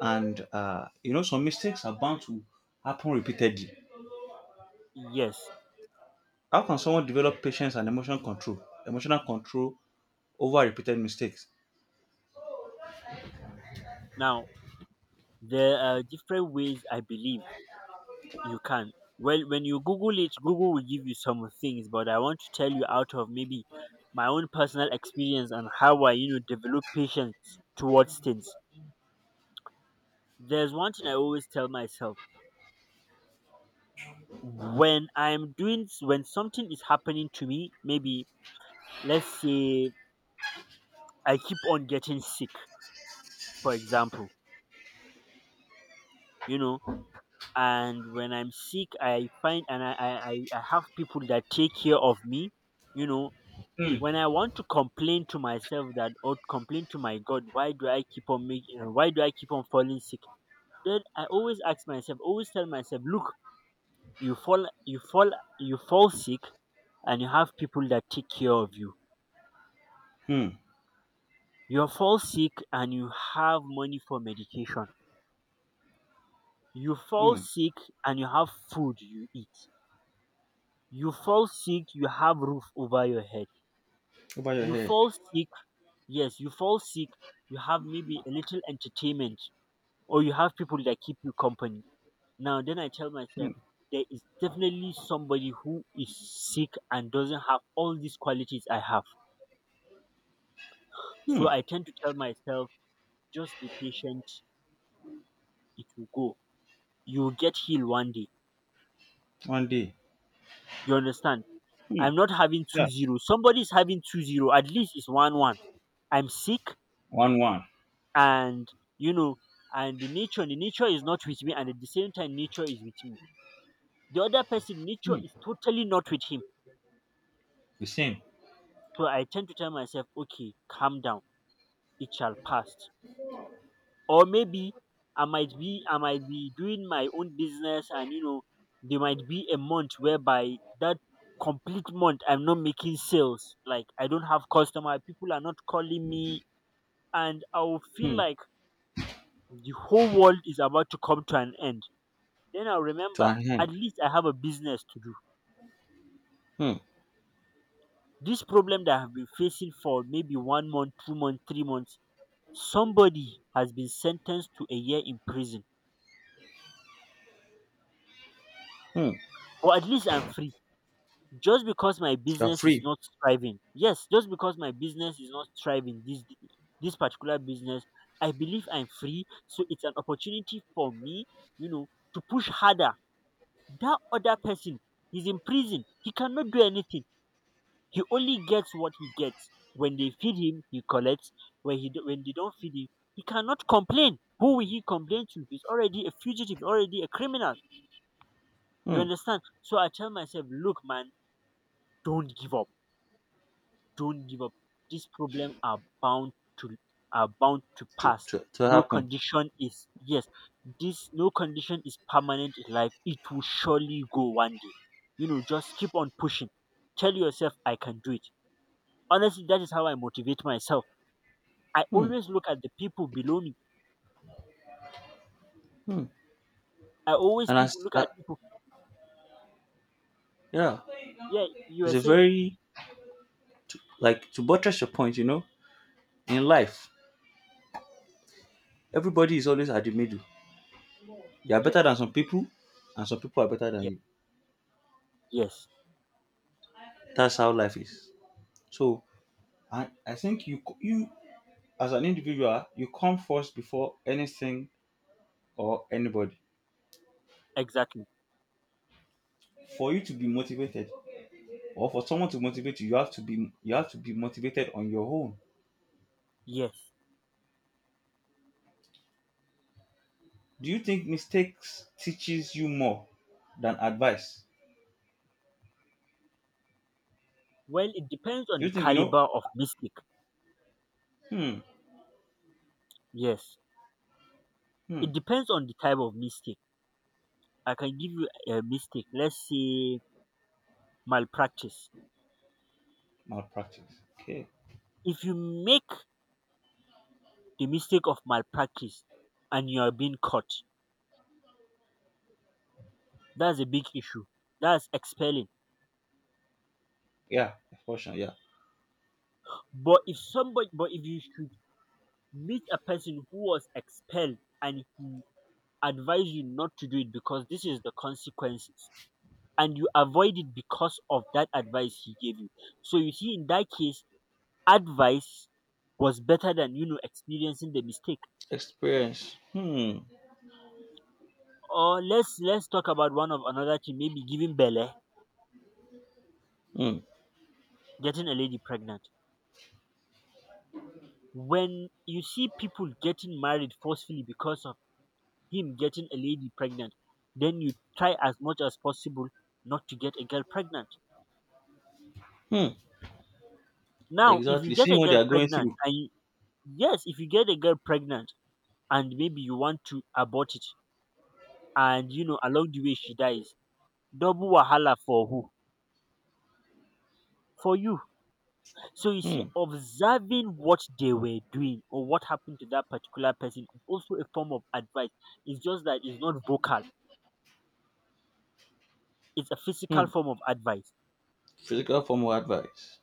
[SPEAKER 1] And you know, some mistakes are bound to happen repeatedly.
[SPEAKER 2] Yes.
[SPEAKER 1] How can someone develop patience and emotional control? Emotional control over repeated mistakes.
[SPEAKER 2] Now, there are different ways. I believe you can. Well, when you Google it, Google will give you some things. But I want to tell you out of maybe my own personal experience and how I, develop patience towards things. There's one thing I always tell myself when when something is happening to me. Maybe, let's say, I keep on getting sick, for example. You know, and when I'm sick, I find and I have people that take care of me, you know.
[SPEAKER 1] Hmm.
[SPEAKER 2] When I want to complain to myself that, or complain to my god, why do I keep on falling sick, then I always ask myself, always tell myself, look, you fall you fall you fall sick and you have people that take care of you.
[SPEAKER 1] Hmm.
[SPEAKER 2] You fall sick and you have money for medication. You fall
[SPEAKER 1] Hmm.
[SPEAKER 2] sick and you have food you eat. You fall sick, you have roof over your head.
[SPEAKER 1] Over your
[SPEAKER 2] You
[SPEAKER 1] head.
[SPEAKER 2] fall sick, yes, you fall sick, you have maybe a little entertainment, or you have people that keep you company. Now then I tell
[SPEAKER 1] Hmm.
[SPEAKER 2] myself, there is definitely somebody who is sick and doesn't have all these qualities I have.
[SPEAKER 1] Hmm.
[SPEAKER 2] So I tend to tell myself, just be patient, it will go. You will get healed one day.
[SPEAKER 1] One day.
[SPEAKER 2] You understand?
[SPEAKER 1] Hmm.
[SPEAKER 2] I'm not having two
[SPEAKER 1] Yeah.
[SPEAKER 2] zero. Somebody is having 2-0. At least it's one one. I'm sick,
[SPEAKER 1] One one.
[SPEAKER 2] and, you know, and the nature is not with me, and at the same time, nature is with me. The other person, nature
[SPEAKER 1] Hmm.
[SPEAKER 2] is totally not with him.
[SPEAKER 1] The same.
[SPEAKER 2] So I tend to tell myself, okay, calm down. It shall pass. Or maybe I might be doing my own business, and, you know, there might be a month whereby that complete month I'm not making sales. Like, I don't have customer. People are not calling me, and I'll feel
[SPEAKER 1] Hmm.
[SPEAKER 2] like the whole world is about to come to an end. Then I'll
[SPEAKER 1] To
[SPEAKER 2] remember,
[SPEAKER 1] an end.
[SPEAKER 2] at least I have a business to do.
[SPEAKER 1] Hmm.
[SPEAKER 2] This problem that I've been facing for maybe one month, 2 months, 3 months, somebody has been sentenced to a year in prison.
[SPEAKER 1] Hmm.
[SPEAKER 2] But at least I'm free. Just because my
[SPEAKER 1] You're
[SPEAKER 2] business is
[SPEAKER 1] free.
[SPEAKER 2] not thriving, yes, just because my business is not thriving, this particular business, I believe I'm free. So it's an opportunity for me, you know, to push harder. That other person is in prison. He cannot do anything. He only gets what he gets. When they feed him, he collects. When they don't feed him, he cannot complain. Who will he complain to? He's already a fugitive, already a criminal. You
[SPEAKER 1] Hmm.
[SPEAKER 2] understand? So I tell myself, look, man, don't give up. Don't give up. These problems are bound to,
[SPEAKER 1] To,
[SPEAKER 2] pass.
[SPEAKER 1] to, to
[SPEAKER 2] No
[SPEAKER 1] happen.
[SPEAKER 2] condition is Yes, this, no condition is permanent in life. It will surely go one day. You know, just keep on pushing. Tell yourself I can do it. Honestly, that is how I motivate myself. I
[SPEAKER 1] Hmm.
[SPEAKER 2] always look at the people below me.
[SPEAKER 1] Hmm.
[SPEAKER 2] I always
[SPEAKER 1] And
[SPEAKER 2] people
[SPEAKER 1] as
[SPEAKER 2] look at people.
[SPEAKER 1] yeah,
[SPEAKER 2] Yeah, you
[SPEAKER 1] it's
[SPEAKER 2] are
[SPEAKER 1] a
[SPEAKER 2] saying
[SPEAKER 1] very like to buttress your point, you know, in life, everybody is always at the middle. You are better than
[SPEAKER 2] yes,
[SPEAKER 1] some people, and some people are better than
[SPEAKER 2] yes,
[SPEAKER 1] you.
[SPEAKER 2] yes,
[SPEAKER 1] That's how life is. So I, you as an individual, you come first before anything or anybody.
[SPEAKER 2] exactly,
[SPEAKER 1] For you to be motivated, or for someone to motivate you, you have to be motivated on your own.
[SPEAKER 2] yes.
[SPEAKER 1] Do you think mistakes teaches you more than advice?
[SPEAKER 2] Well, it depends
[SPEAKER 1] Do
[SPEAKER 2] on
[SPEAKER 1] you
[SPEAKER 2] the
[SPEAKER 1] think you know?
[SPEAKER 2] caliber of mistake.
[SPEAKER 1] Hmm.
[SPEAKER 2] Yes,
[SPEAKER 1] Hmm.
[SPEAKER 2] it depends on the type of mistake. I can give you a mistake. Let's say malpractice.
[SPEAKER 1] Malpractice. Okay.
[SPEAKER 2] If you make the mistake of malpractice and you are being caught, that's a big issue. That's expelling.
[SPEAKER 1] Yeah. Fortune. Yeah.
[SPEAKER 2] But if you should meet a person who was expelled, and he advised you not to do it because this is the consequences, and you avoid it because of that advice he gave you. So you see, in that case, advice was better than, experiencing the mistake.
[SPEAKER 1] Experience. Hmm.
[SPEAKER 2] Or let's talk about one of another thing, maybe giving belle,
[SPEAKER 1] Hmm.
[SPEAKER 2] getting a lady pregnant. When you see people getting married forcefully because of him getting a lady pregnant, then you try as much as possible not to get a girl pregnant.
[SPEAKER 1] Hmm.
[SPEAKER 2] Now, if you
[SPEAKER 1] Exactly.
[SPEAKER 2] get
[SPEAKER 1] Seeing
[SPEAKER 2] a
[SPEAKER 1] what they
[SPEAKER 2] girl
[SPEAKER 1] are going
[SPEAKER 2] pregnant,
[SPEAKER 1] through.
[SPEAKER 2] yes, if you get a girl pregnant and maybe you want to abort it, and you know, along the way she dies, double wahala for who? For you. So you see,
[SPEAKER 1] Hmm.
[SPEAKER 2] observing what they were doing or what happened to that particular person is also a form of advice. It's just that it's not vocal. It's a physical
[SPEAKER 1] Hmm.
[SPEAKER 2] form of advice.
[SPEAKER 1] Physical formal advice.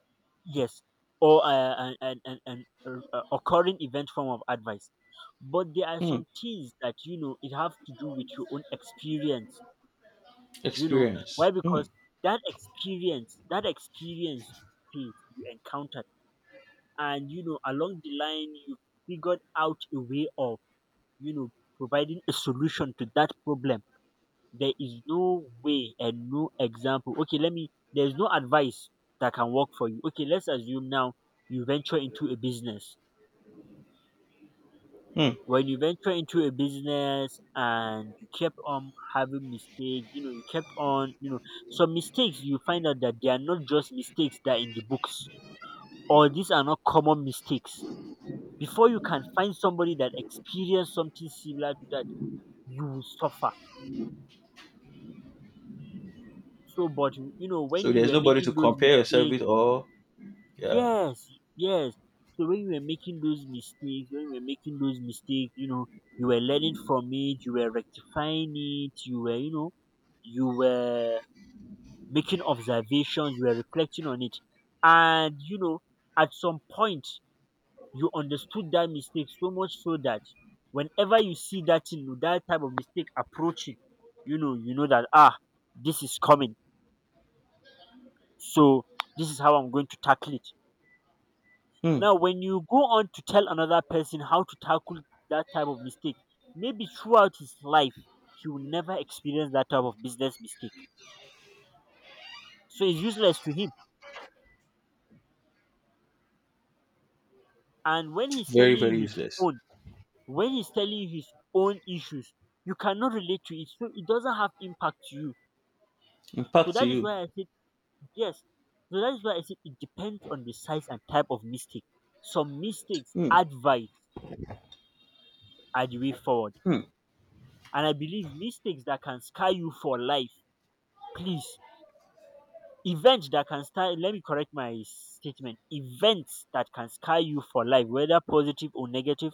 [SPEAKER 2] Yes, or an occurring event form of advice. But there are
[SPEAKER 1] Hmm.
[SPEAKER 2] some things that, it have to do with your own experience. You know
[SPEAKER 1] Experience.
[SPEAKER 2] why?
[SPEAKER 1] Hmm.
[SPEAKER 2] Because that experience you faced, you encountered, and, you know, along the line you figured out a way of, you know, providing a solution to that problem. There is no way and no example. Okay, let me, there's no advice that can work for you. Okay, let's assume now you venture into a business.
[SPEAKER 1] Hmm.
[SPEAKER 2] When you venture into a business and you kept on having mistakes, you know, you kept on, you know, some mistakes you find out that they are not just mistakes that are in the books, or these are not common mistakes. Before you can find somebody that experienced something similar to that, you will suffer. So, but,
[SPEAKER 1] So
[SPEAKER 2] when you
[SPEAKER 1] there's
[SPEAKER 2] were
[SPEAKER 1] nobody to
[SPEAKER 2] making those
[SPEAKER 1] compare yourself
[SPEAKER 2] mistakes,
[SPEAKER 1] with or yeah.
[SPEAKER 2] yes, yes. So when you were making those mistakes, when you were making those mistakes, you know, you were learning from it, you were rectifying it, you were making observations, you were reflecting on it. And, you know, at some point you understood that mistake so much so that whenever you see that thing, that type of mistake approaching, you know that, ah, this is coming. So this is how I'm going to tackle it.
[SPEAKER 1] Hmm.
[SPEAKER 2] Now, when you go on to tell another person how to tackle that type of mistake, maybe throughout his life, he will never experience that type of business mistake. So it's useless to him. And
[SPEAKER 1] Very, very useless.
[SPEAKER 2] when he's telling you his own issues, you cannot relate to it. So it doesn't have impact to you. So
[SPEAKER 1] Impact to
[SPEAKER 2] that is
[SPEAKER 1] you.
[SPEAKER 2] why I said, yes. So that is why I said it depends on the size and type of mistake. Some mistakes,
[SPEAKER 1] Hmm.
[SPEAKER 2] advice are the way forward,
[SPEAKER 1] Hmm.
[SPEAKER 2] and I believe mistakes that can scar you for life, please, events that can scar, let me correct my statement, events that can scar you for life, whether positive or negative,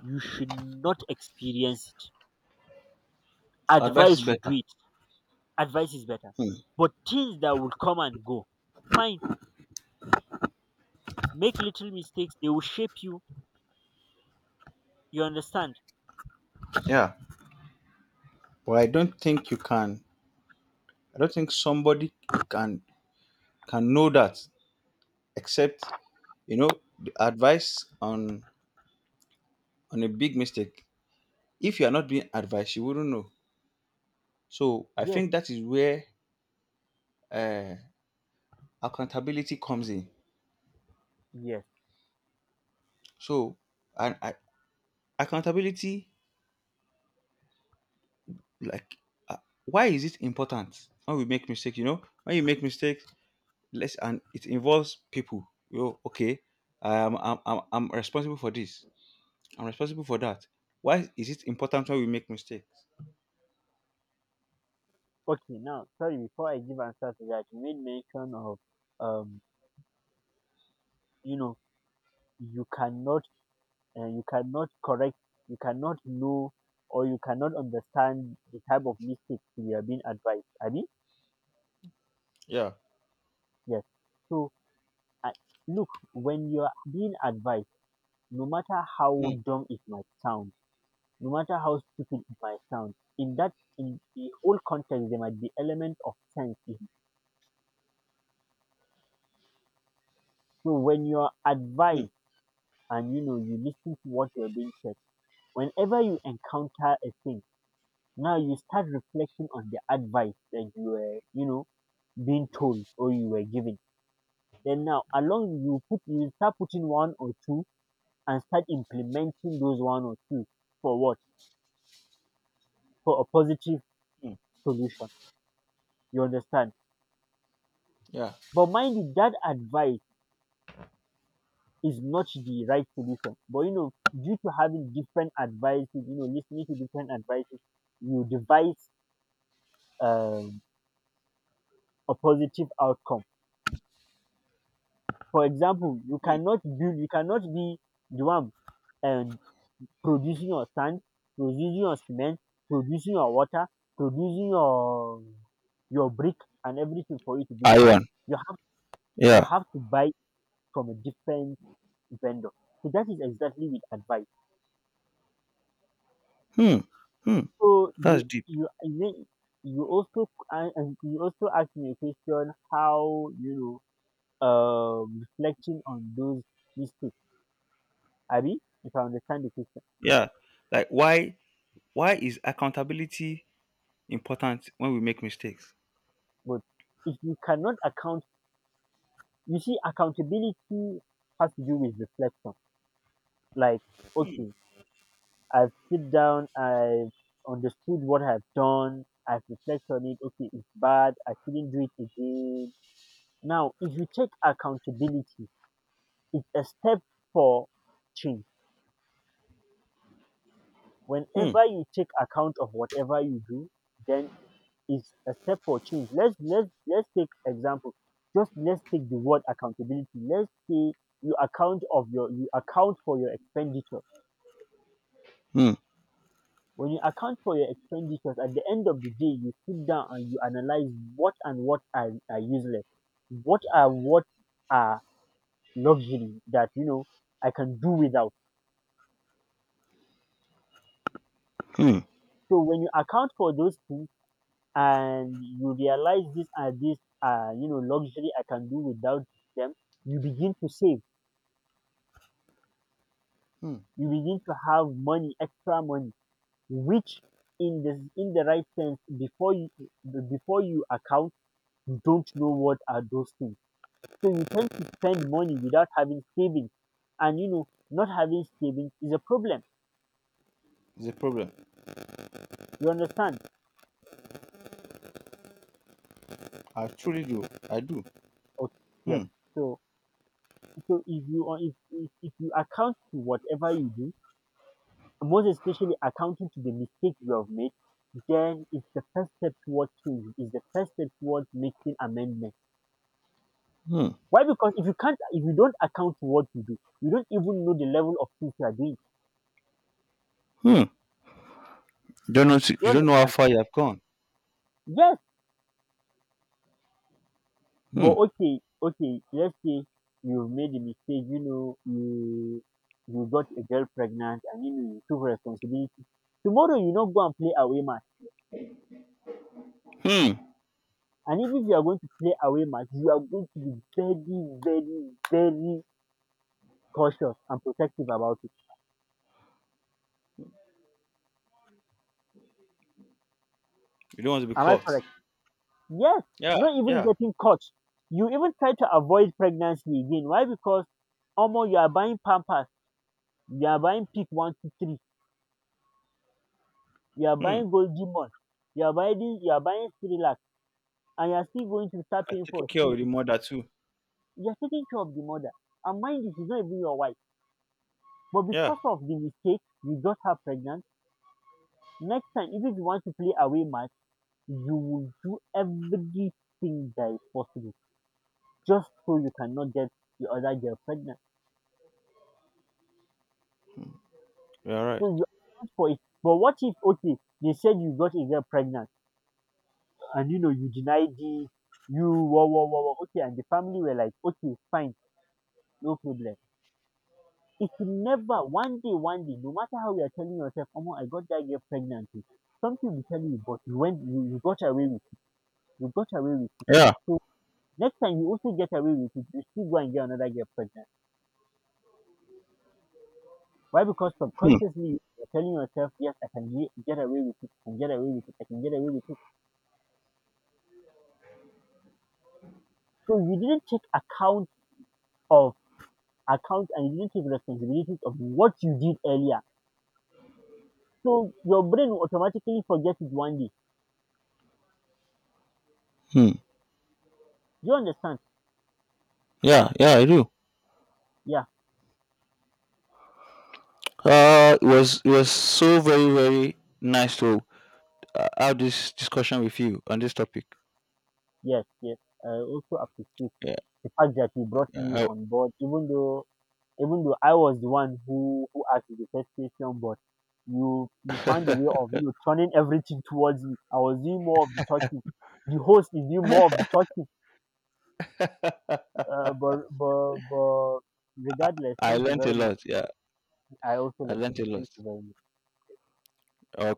[SPEAKER 2] you should not experience it.
[SPEAKER 1] Advice
[SPEAKER 2] Advice
[SPEAKER 1] is
[SPEAKER 2] should do
[SPEAKER 1] better.
[SPEAKER 2] it. Advice is better.
[SPEAKER 1] Hmm.
[SPEAKER 2] But things that will come and go, fine, make little mistakes, they will shape you. You understand?
[SPEAKER 1] Yeah, but I don't think you can. I don't think somebody can can know that except you know the advice on a big mistake. If you are not being advised, you wouldn't know. So I
[SPEAKER 2] Yes,
[SPEAKER 1] think that is where uh, accountability comes in.
[SPEAKER 2] yes.
[SPEAKER 1] So and I, accountability, like, uh, why is it important when we make mistakes? You know, when you make mistakes, let's and it involves people you know okay I'm responsible for this, I'm responsible for that. Why is it important when we make mistakes?
[SPEAKER 2] Okay, now, sorry, before I give answer to that, you made mention of, um, you know, you cannot And you cannot correct, you cannot know, or you cannot understand the type of mistakes you are being advised. I mean,
[SPEAKER 1] Yeah.
[SPEAKER 2] yes. So, uh, look, when you are being advised, no matter how
[SPEAKER 1] Mm,
[SPEAKER 2] dumb it might sound, no matter how stupid it might sound, in that, in the whole context, there might be element of sense in it. So, when you are
[SPEAKER 1] mm,
[SPEAKER 2] advised and, you listen to what you're being said, whenever you encounter a thing, now you start reflecting on the advice that you were, you know, being told, or you were given. Then now along you start putting one or two, and start implementing those one or two for what? For a positive
[SPEAKER 1] mm,
[SPEAKER 2] solution. You understand?
[SPEAKER 1] yeah
[SPEAKER 2] But mind you, that advice is not the right solution. But you know, due to having different advices, you know, listening to different advices, you devise um, a positive outcome. For example, you
[SPEAKER 1] mm.
[SPEAKER 2] cannot build, you cannot be the one and producing your sand, producing your cement, producing your water, producing your brick and everything for you to build house.
[SPEAKER 1] Iron.
[SPEAKER 2] You have, you
[SPEAKER 1] Yeah.
[SPEAKER 2] have to buy from a different vendor. So that is exactly with advice.
[SPEAKER 1] Hmm. Hmm.
[SPEAKER 2] So
[SPEAKER 1] That's
[SPEAKER 2] you
[SPEAKER 1] deep.
[SPEAKER 2] you you you also and you also asked me a question, how you know, reflecting on those mistakes, abi, if I understand the question.
[SPEAKER 1] Yeah, like why is accountability important when we make mistakes?
[SPEAKER 2] But if you cannot account, you see, accountability has to do with reflection. Like, okay, I've sit down, I've understood what I've done, I've reflected on it. Okay, it's bad. I shouldn't do it again. Now, if you take accountability, it's a step for change.
[SPEAKER 1] Hmm.
[SPEAKER 2] Whenever you take account of whatever you do, then is a step for change. Let's take example. Just let's take the word accountability. Let's say you account for your expenditure.
[SPEAKER 1] Hmm.
[SPEAKER 2] When you account for your expenditures, at the end of the day, you sit down and you analyze what and are useless, what are, what are luxury that you know I can do without. So when you account for those things and you realize these are, you know, luxury I can do without them, you begin to save, you begin to have money, extra money, which in the right sense, before you account, you don't know what are those things. So you tend to spend money without having savings, and you know, not having savings is a problem.
[SPEAKER 1] It's a problem.
[SPEAKER 2] You understand?
[SPEAKER 1] I truly do. I do.
[SPEAKER 2] Okay, yes.
[SPEAKER 1] Hmm.
[SPEAKER 2] So so if you, or if you account to whatever you do, and most especially accounting to the mistake you have made, then it's the first step towards change. It's the first step towards making amendment.
[SPEAKER 1] Hmm.
[SPEAKER 2] Why? Because if you can't, if you don't account for what you do, you don't even know the level of things you are doing.
[SPEAKER 1] Hmm. You don't know,
[SPEAKER 2] You
[SPEAKER 1] you don't know how
[SPEAKER 2] understand?
[SPEAKER 1] far you have gone.
[SPEAKER 2] Yes.
[SPEAKER 1] Hmm.
[SPEAKER 2] But okay, okay, let's say you have made a mistake, you know, you got a girl pregnant, and you know, you took responsibility. Tomorrow you not go and play away match.
[SPEAKER 1] Hmm.
[SPEAKER 2] And even if you are going to play away match, you are going to be very, very, very cautious and protective about it.
[SPEAKER 1] You don't want to be
[SPEAKER 2] Am I
[SPEAKER 1] caught.
[SPEAKER 2] correct? Yes,
[SPEAKER 1] Yeah,
[SPEAKER 2] not even
[SPEAKER 1] yeah.
[SPEAKER 2] getting caught. You even try to avoid pregnancy again. Why? Because omo, you are buying Pampers, you are buying Peak 1 2 3, you are
[SPEAKER 1] Hmm.
[SPEAKER 2] buying Goldie Mall, you are buying this, you are buying Similac, and you are still going to start
[SPEAKER 1] I've
[SPEAKER 2] paying for
[SPEAKER 1] care of the
[SPEAKER 2] stitches.
[SPEAKER 1] mother too.
[SPEAKER 2] You are taking care of the mother, and mind you, she's not even your wife. But
[SPEAKER 1] Yeah,
[SPEAKER 2] because of the mistake, you got her pregnant. Next time, if you want to play away match, you will do everything that is possible just so you cannot get the other girl pregnant.
[SPEAKER 1] you're right.
[SPEAKER 2] So you asked for it. But what if, okay, they said you got a girl pregnant and you know, you denied it, you wah wah wah wah, okay, and the family were like, okay, fine, no problem. It will never. One day, one day, no matter how you are telling yourself, oh, I got that girl pregnant, oh, something will tell you, but you went, you got away with, you got away with it.
[SPEAKER 1] Yeah.
[SPEAKER 2] So next time you also get away with it, you still go and get another girl pregnant. Why? Because
[SPEAKER 1] Hmm.
[SPEAKER 2] subconsciously you're telling yourself, yes, I can get away with it, I can get away with it, I can get away with it. So you didn't take account of account, and you didn't take responsibilities of what you did earlier. So your brain will automatically forget it one day.
[SPEAKER 1] Hmm.
[SPEAKER 2] Do you understand?
[SPEAKER 1] Yeah, yeah, I do.
[SPEAKER 2] Yeah,
[SPEAKER 1] It was so very very nice to have this discussion with you on this topic.
[SPEAKER 2] yes, yes. I also appreciate
[SPEAKER 1] Yeah.
[SPEAKER 2] the fact that you brought me
[SPEAKER 1] Yeah,
[SPEAKER 2] on board, even though, even though I was the one who asked the first question, but you found a way of, you know, turning everything towards me. I was doing more of the talking. The host is doing more of the talking.
[SPEAKER 1] I,
[SPEAKER 2] But regardless,
[SPEAKER 1] I
[SPEAKER 2] thank you
[SPEAKER 1] learned a
[SPEAKER 2] very much.
[SPEAKER 1] lot. Yeah,
[SPEAKER 2] I also
[SPEAKER 1] I
[SPEAKER 2] love
[SPEAKER 1] learned a
[SPEAKER 2] you.
[SPEAKER 1] lot.
[SPEAKER 2] Thank you very much.
[SPEAKER 1] Uh,